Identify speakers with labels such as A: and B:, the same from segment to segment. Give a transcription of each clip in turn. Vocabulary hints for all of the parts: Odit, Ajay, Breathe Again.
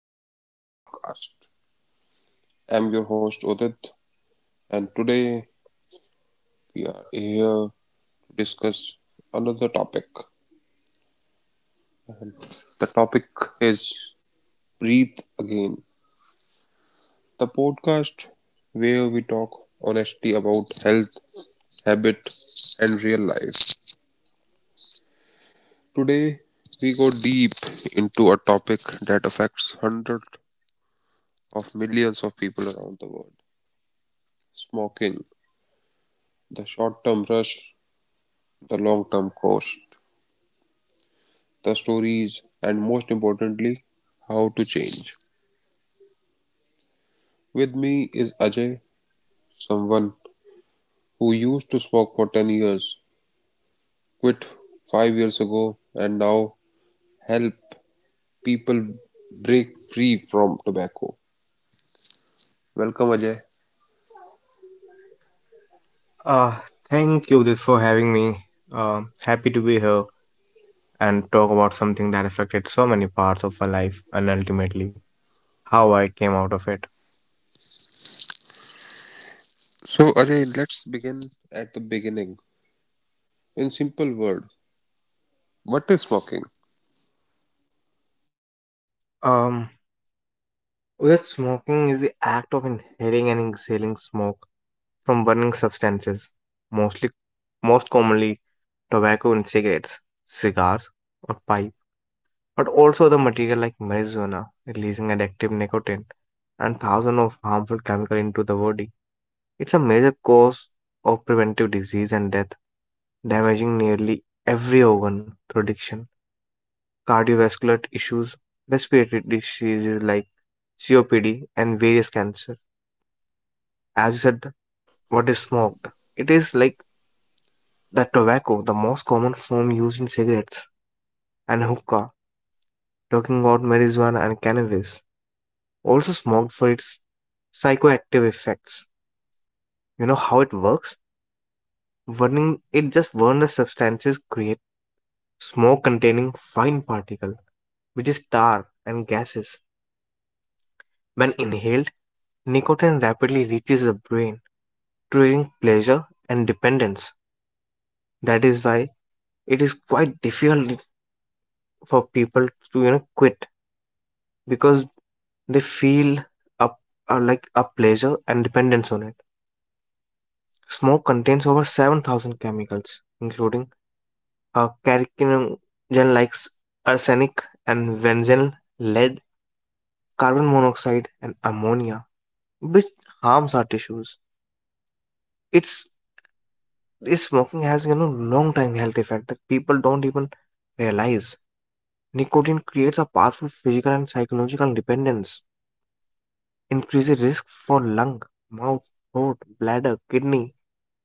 A: To our new podcast. I'm your host Odit, and today we are here to discuss another topic. The topic is Breathe Again, the podcast where we talk honestly about health, habit, and real life. Today we go deep into a topic that affects hundreds of millions of people around the world smoking, the short term rush, the long term cost the stories, and most importantly, how to change. With me is Ajay, someone who used to smoke for 10 years, quit 5 years ago, and now help people break free from tobacco. Welcome, Ajay.
B: Uh, Thank you this for having me. Happy to be here and talk about something that affected so many parts of our life and ultimately how I came out of it.
A: So, Ajay, let's begin at the beginning. In simple words, what is smoking?
B: Um, that smoking is the act of inhaling and exhaling smoke from burning substances, mostly, most commonly tobacco in cigarettes, cigars, or pipe, but also the material like marijuana, releasing addictive nicotine and thousands of harmful chemicals into the body. It's a major cause of preventive disease and death, damaging nearly every organ production, cardiovascular issues, respiratory diseases like COPD, and various cancer. As you said, what is smoked? It is like the tobacco, the most common form used in cigarettes and hookah, talking about marijuana and cannabis, also smoked for its psychoactive effects. You know how it works? Burning it just burns the substances created smoke containing fine particles, which is tar and gases. When inhaled, nicotine rapidly reaches the brain, triggering pleasure and dependence. That is why it is quite difficult for people to you know quit because they feel up like a pleasure and dependence on it. Smoke contains over 7,000 chemicals, including a carcinogen like arsenic and benzene, lead, carbon monoxide, and ammonia which harms our tissues. It's this smoking has you know long time health effect that people don't even realize. Nicotine creates a powerful physical and psychological dependence, increases risk for lung, mouth, throat, bladder, kidney,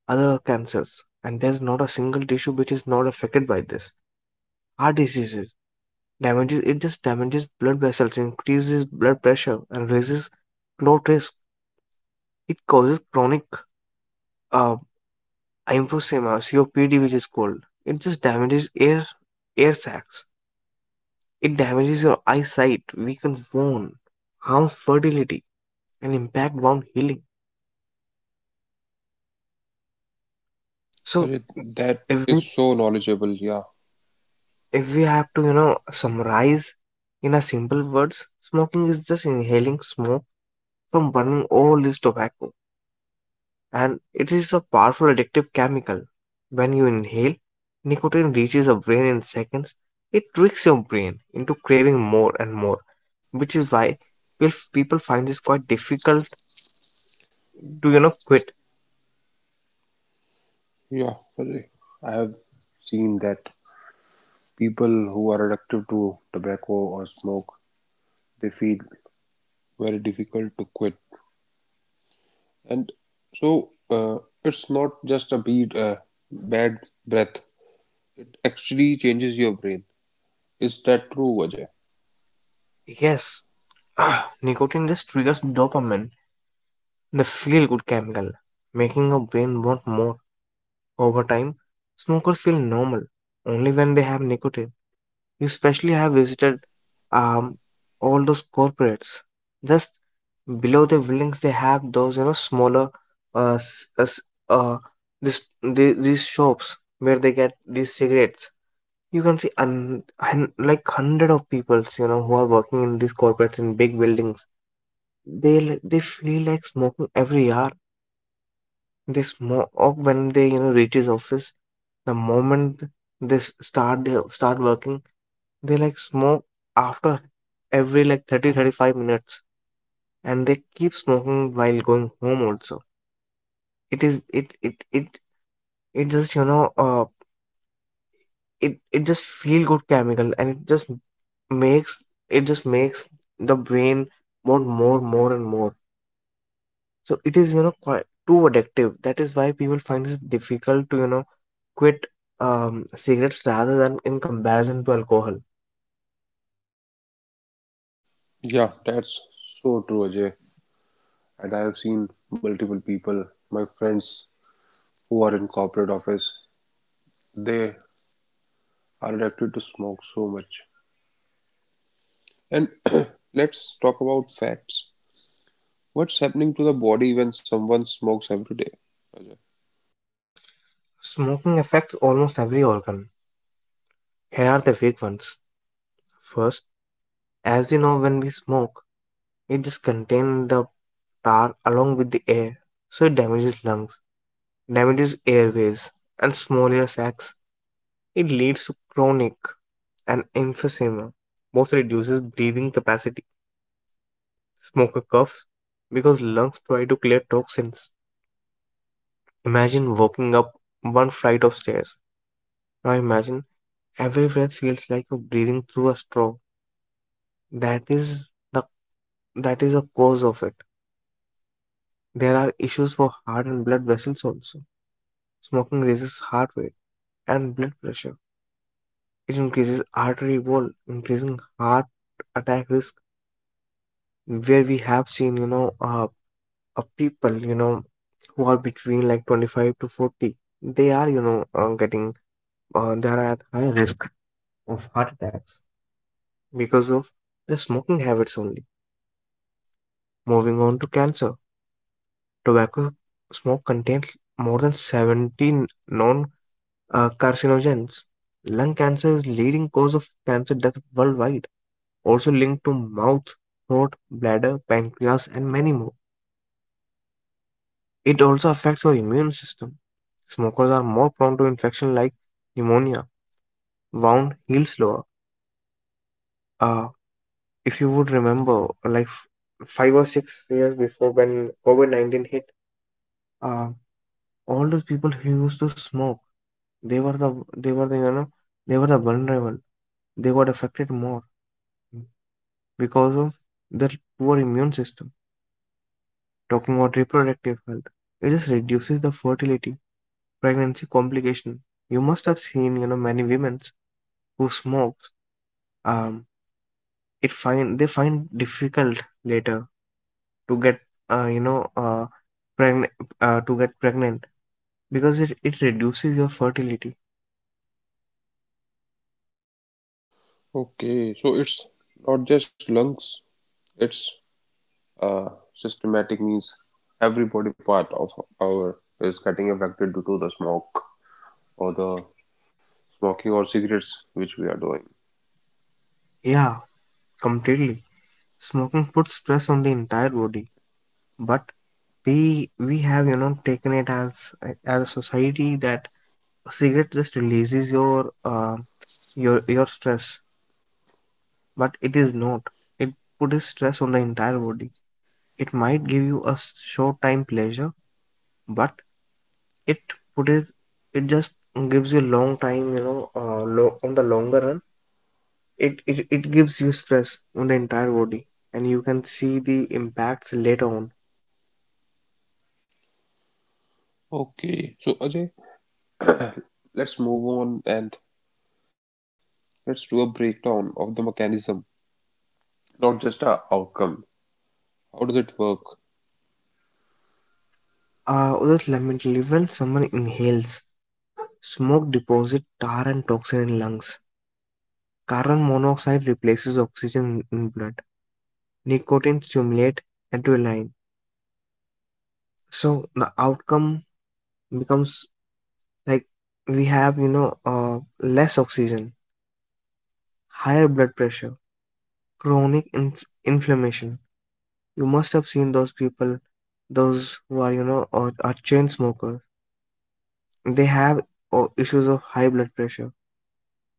B: other cancers. And there's not a single tissue which is not affected by this. Heart diseases damages it just damages blood vessels, increases blood pressure, and raises clot risk. It causes chronic uh, emphysema, COPD, which is cold. It just damages air sacs. It damages your eyesight, weakens bone, harms fertility, and impact wound healing. So
A: But
B: if we
A: that is so knowledgeable. Yeah,
B: if we have to you know summarize in a simple words, smoking is just inhaling smoke from burning all this tobacco. And it is a powerful addictive chemical. When you inhale, nicotine reaches the brain in seconds. It tricks your brain into craving more and more, which is why if people find this quite difficult to you know quit.
A: yeah. Very. I have seen that people who are addicted to tobacco or smoke, they feel very difficult to quit. And so it's not just a bad breath. It actually changes your brain. Is that true, Ajay?
B: Yes, nicotine just triggers dopamine, the feel-good chemical, making your brain want more. Over time, smokers feel normal only when they have nicotine. You especially have visited um all those corporates. Just below the buildings, they have those you know smaller uh, s- uh, s- uh these shops where they get these cigarettes. You can see like hundred of peoples you know who are working in these corporates in big buildings. They feel like smoking every hour. They smoke when they you know reach his office. The moment they start working they like smoke after every like 30, 35 minutes and they keep smoking while going home also. It is it it it it just you know it just feel good chemical and makes it just makes the brain want more and more. So it is you know quite too addictive. That is why people find it difficult to you know quit cigarettes rather than in comparison to alcohol.
A: Yeah, that's so true, Ajay. And I have seen multiple people, my friends who are in corporate office, they are addicted to smoke so much. And let's talk about facts. What's happening to the body when someone smokes every day? Ajay?
B: Smoking affects almost every organ. Here are the big ones. First, as we know when we smoke, it just contains the tar along with the air, so it damages lungs, damages airways, and small air sacs. It leads to chronic and emphysema, both reduces breathing capacity. Smoker coughs because lungs try to clear toxins. Imagine walking up one flight of stairs. Now imagine every breath feels like you're breathing through a straw. That is the that is the cause of it. There are issues for heart and blood vessels also. Smoking raises heart rate and blood pressure. It increases artery wall, increasing heart attack risk. Where we have seen, you know, people, you know, who are between like 25 to 40, they are, you know, they are at higher risk of heart attacks because of the smoking habits only. Moving on to cancer, tobacco smoke contains more than 17 known carcinogens. Lung cancer is leading cause of cancer death worldwide, also linked to mouth, throat, bladder, pancreas, and many more. It also affects our immune system. Smokers are more prone to infection like pneumonia, wound heals slower. Uh, if you would remember, 5 or 6 years before when COVID-19 hit, uh, all those people who used to smoke, they were the, they were the, you know, they were the vulnerable they got affected more because of their poor immune system. Talking about reproductive health, it just reduces the fertility, pregnancy complication. You must have seen, you know, many women who smokes. Um, it find They find difficult later to get, uh, you know, uh, pregnant to get pregnant because it reduces your fertility.
A: Okay, so it's not just lungs, it's uh, systematic means every body part of our is getting affected due to the smoke or the smoking or cigarettes which we are doing.
B: Yeah, completely. Smoking puts stress on the entire body, but we have you know taken it as a society that a cigarette just releases your your stress, but it is not. It puts stress on the entire body. It might give you a short time pleasure, but it puts it just gives you long time. You know, on the longer run, it gives you stress on the entire body, and you can see the impacts later on.
A: Okay, so Ajay, let's move on and let's do a breakdown of the mechanism, not just a outcome. How does it work?
B: Just lamentably, when someone inhales, smoke deposit tar and toxin in lungs. Carbon monoxide replaces oxygen in blood nicotine stimulate adrenaline so the outcome becomes like we have you know less oxygen higher blood pressure chronic inflammation you must have seen those people those who are you know or are chain smokers they have issues of high blood pressure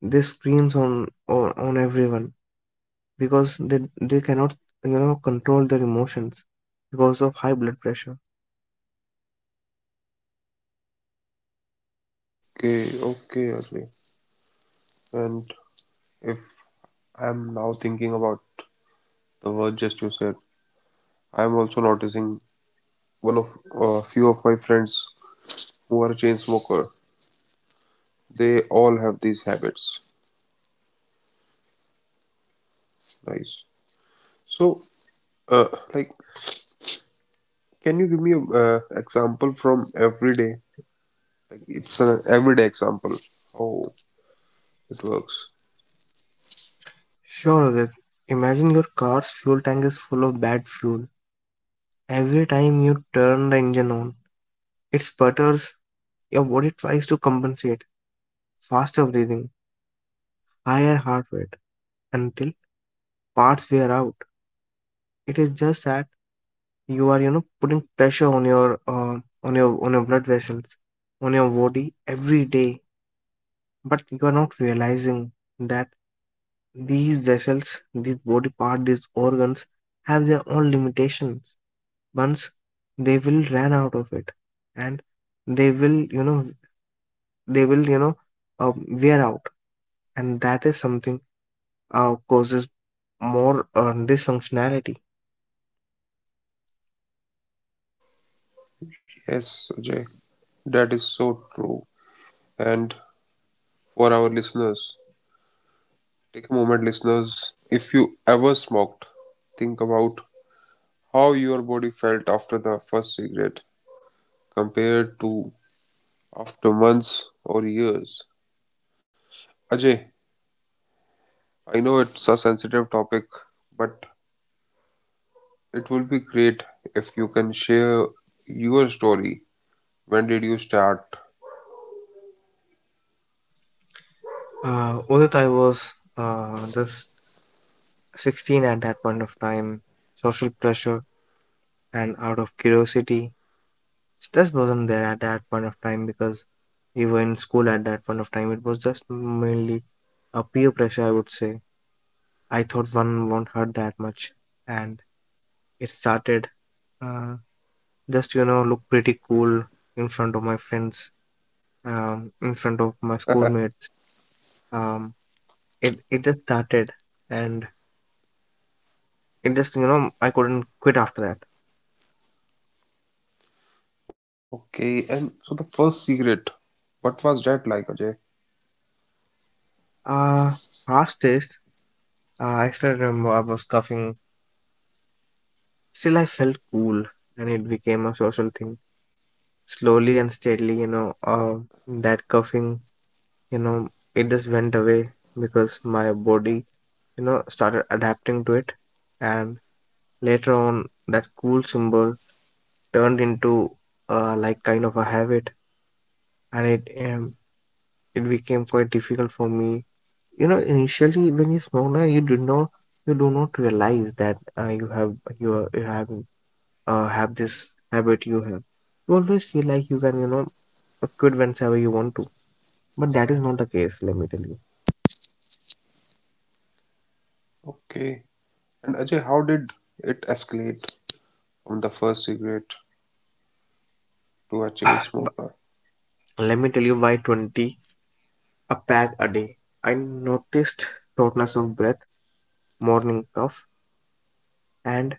B: this screams on everyone because they cannot you know control their emotions because of high blood pressure.
A: Okay, okay, Ajay. And if I'm now thinking about the word just you said, I'm also noticing one of a few of my friends who are a chain smoker. They all have these habits. Nice. So, uh, like, can you give me an example from everyday? Like, it's an everyday example. How it works.
B: Sure, Adit. Imagine your car's fuel tank is full of bad fuel. Every time you turn the engine on, it sputters. Your body tries to compensate. Faster breathing, higher heart rate, until parts wear out. It is just that you are, you know, putting pressure on your, on your blood vessels, on your body every day. But you are not realizing that these vessels, this body part, these organs have their own limitations once they will run out of it and they will you know they will you know uh, wear out and that is something causes more dysfunctionality.
A: Yes, Ajay, that is so true. And for our listeners, take a moment, listeners. If you ever smoked, think about how your body felt after the first cigarette compared to after months or years. Ajay, I know it's a sensitive topic, but it will be great if you can share your story. When did you start?
B: Udit, I was just 16 at that point of time. Social pressure and out of curiosity, stress wasn't there at that point of time because we were in school at that point of time. It was just mainly a peer pressure, I would say. I thought one won't hurt that much, and it started uh, just you know look pretty cool in front of my friends in front of my schoolmates. um, it just started and it just you know I couldn't quit after that.
A: Okay, and so the first cigarette, what was that like, Ajay?
B: uh Past days, I still remember I was coughing still I felt cool and it became a social thing slowly and steadily you know that coughing you know it just went away because my body you know started adapting to it. And later on, that cool symbol turned into like kind of a habit, and it became quite difficult for me. You know, initially when you're smaller, you do not realize that you have this habit you have. You always feel like you can you know quit whenever you want to, but that is not the case. Let me tell you.
A: Okay. And Ajay, how did it escalate from the first cigarette to a chain
B: But
A: smoker?
B: let me tell you why 20 a pack a day. I noticed shortness of breath, morning cough, and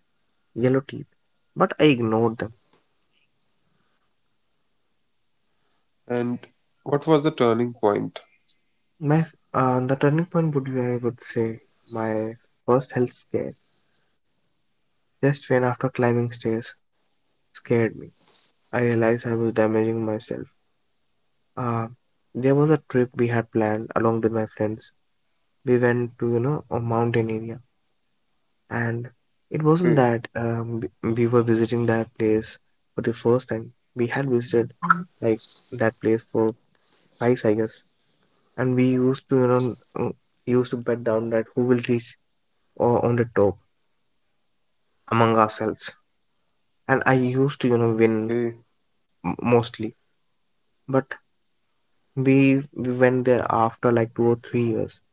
B: yellow teeth. But I ignored them.
A: And what was the turning point?
B: My The turning point would be, I would say, my first health scare. Just when after climbing stairs scared me, I realized I was damaging myself. Uh, there was a trip we had planned along with my friends. We went to you know a mountain area, and it wasn't
A: Okay,
B: that we were visiting that place for the first time. We had visited like that place for twice, I guess. And we used to you know uh, used to bet down that who will reach on the top among ourselves and I used to you know win
A: okay.
B: mostly. But we we went there after like 2 or 3 years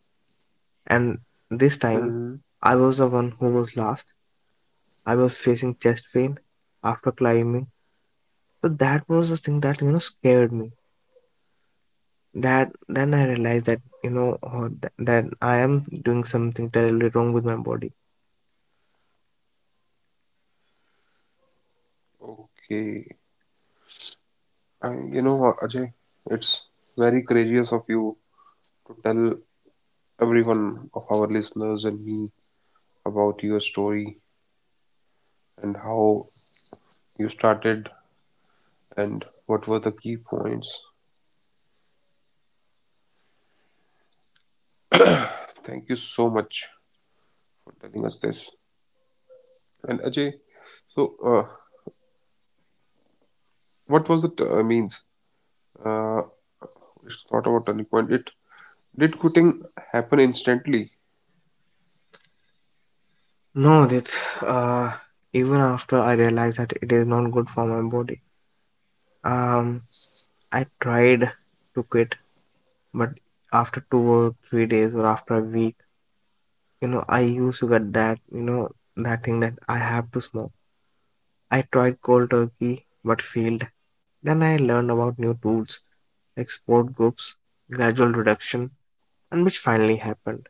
B: and this time
A: Mhm.
B: I was the one who was last I was facing chest pain after climbing so that was the thing that you know scared me that then I realized that you know that I am doing something terribly wrong with my body.
A: Okay. And you know what, Ajay, it's very courageous of you to tell everyone of our listeners and me about your story and how you started and what were the key points. Thank you so much for telling us this. And Ajay, so what was it means? Uh, it's not about turning point. It did quitting happen instantly?
B: No, that uh, Even after I realized that it is not good for my body, um, I tried to quit, but after 2 or 3 days or after a week, you know, I used to get that, you know, that thing that I have to smoke. I tried cold turkey but failed. Then I learned about new tools, export groups, gradual reduction, and which finally happened.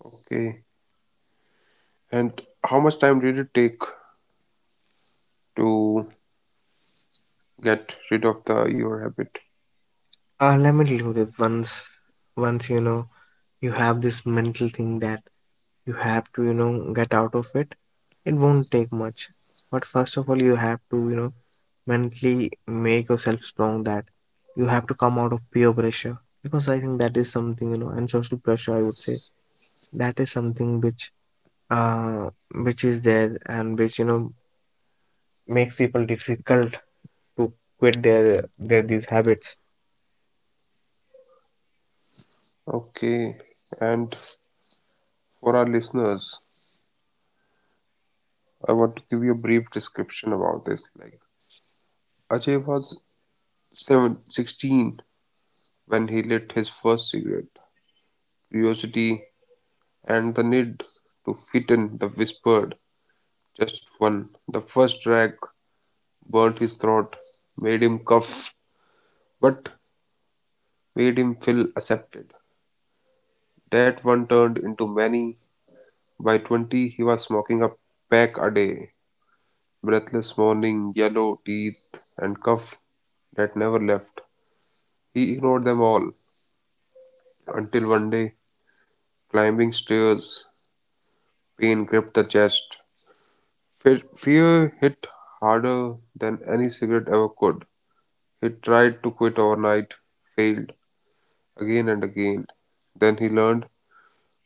A: Okay. And how much time did it take to get rid of the your habit?
B: Let me tell you that once you know, you have this mental thing that you have to you know get out of it it won't take much but first of all you have to you know mentally make yourself strong that you have to come out of peer pressure because I think that is something you know and social pressure I would say that is something uh which is there and which you know makes people difficult to quit their these habits.
A: Okay, and for our listeners, I want to give you a brief description about this. Like Ajay was 16 when he lit his first cigarette. Curiosity and the need to fit in the whispered just one. The first drag burnt his throat, made him cough, but made him feel accepted. That one turned into many. By 20, he was smoking a pack a day. Breathless morning, yellow, teased, and cuff that never left. He ignored them all until one day, climbing stairs, pain gripped the chest. Fear hit harder than any cigarette ever could. He tried to quit overnight, failed again and again. Then he learned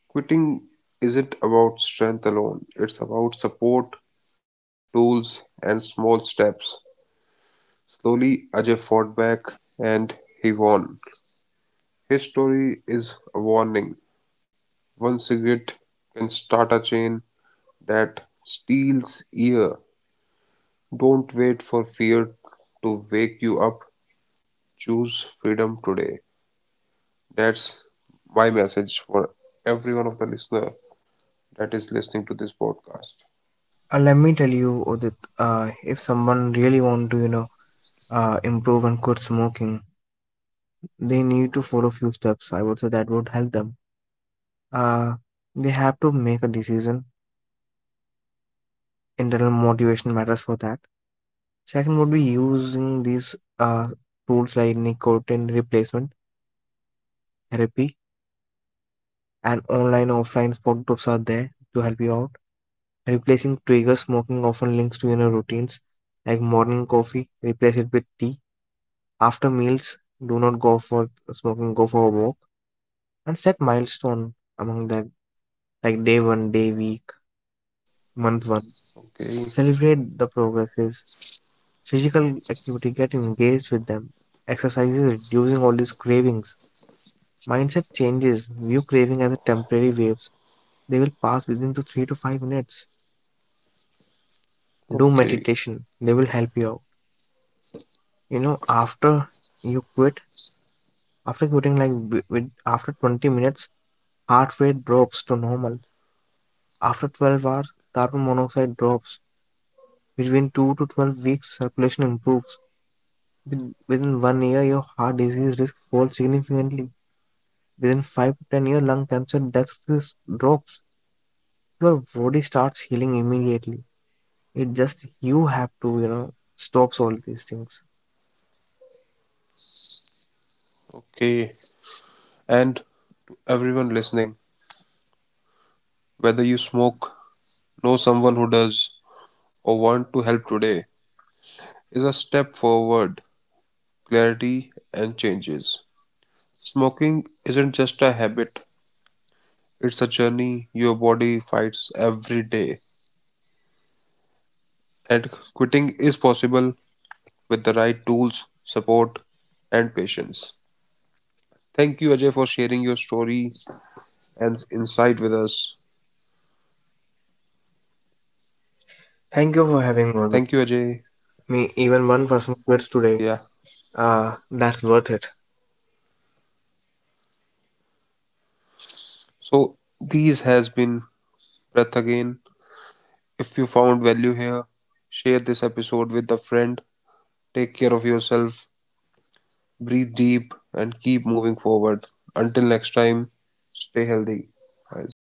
A: quitting isn't about strength alone, it's about support, tools, and small steps. Slowly, Ajay fought back and he won. His story is a warning: one cigarette can start a chain that steals years. Don't wait for fear to wake you up. Choose freedom today. That's my message for every one of the listener that is listening to this podcast.
B: Let me tell you Udit, if someone really want to you know improve and quit smoking they need to follow few steps I would say that would help them. uh, they have to make a decision internal motivation matters for that second would be using these tools like nicotine replacement therapy and online offline support groups are there to help you out replacing trigger smoking often links to inner routines like morning coffee replace it with tea after meals do not go for smoking go for a walk and set milestone among that like day one day week month one.
A: Okay,
B: Celebrate the progresses. Physical activity, get engaged with them. Exercises reducing all these cravings. Mindset changes. View craving as a temporary waves. They will pass within to 3 to 5 minutes. Do
A: okay,
B: meditation. They will help you out. You know, after you quit, after quitting like with after 20 minutes, heart rate drops to normal. After 12 hours, carbon monoxide drops. Between 2 to 12 weeks, circulation improves. Within 1 year, your heart disease risk falls significantly. Within 5 to 10 years, lung cancer death risk drops. Your body starts healing immediately. It just you have to, you know, stops all these things.
A: okay. And everyone listening, whether you smoke, know someone who does, or want to help today, is a step forward clarity, and changes. Smoking isn't just a habit, it's a journey your body fights every day. And quitting is possible with the right tools, support, and patience. Thank you, Ajay, for sharing your story and insight with us.
B: Thank you for having me with
A: Thank you, Ajay.
B: me. Even one person quits today.
A: Yeah.
B: That's worth it.
A: So, these has been Breath Again. If you found value here, share this episode with a friend. Take care of yourself breathe deep and keep moving forward. Until next time, stay healthy, guys.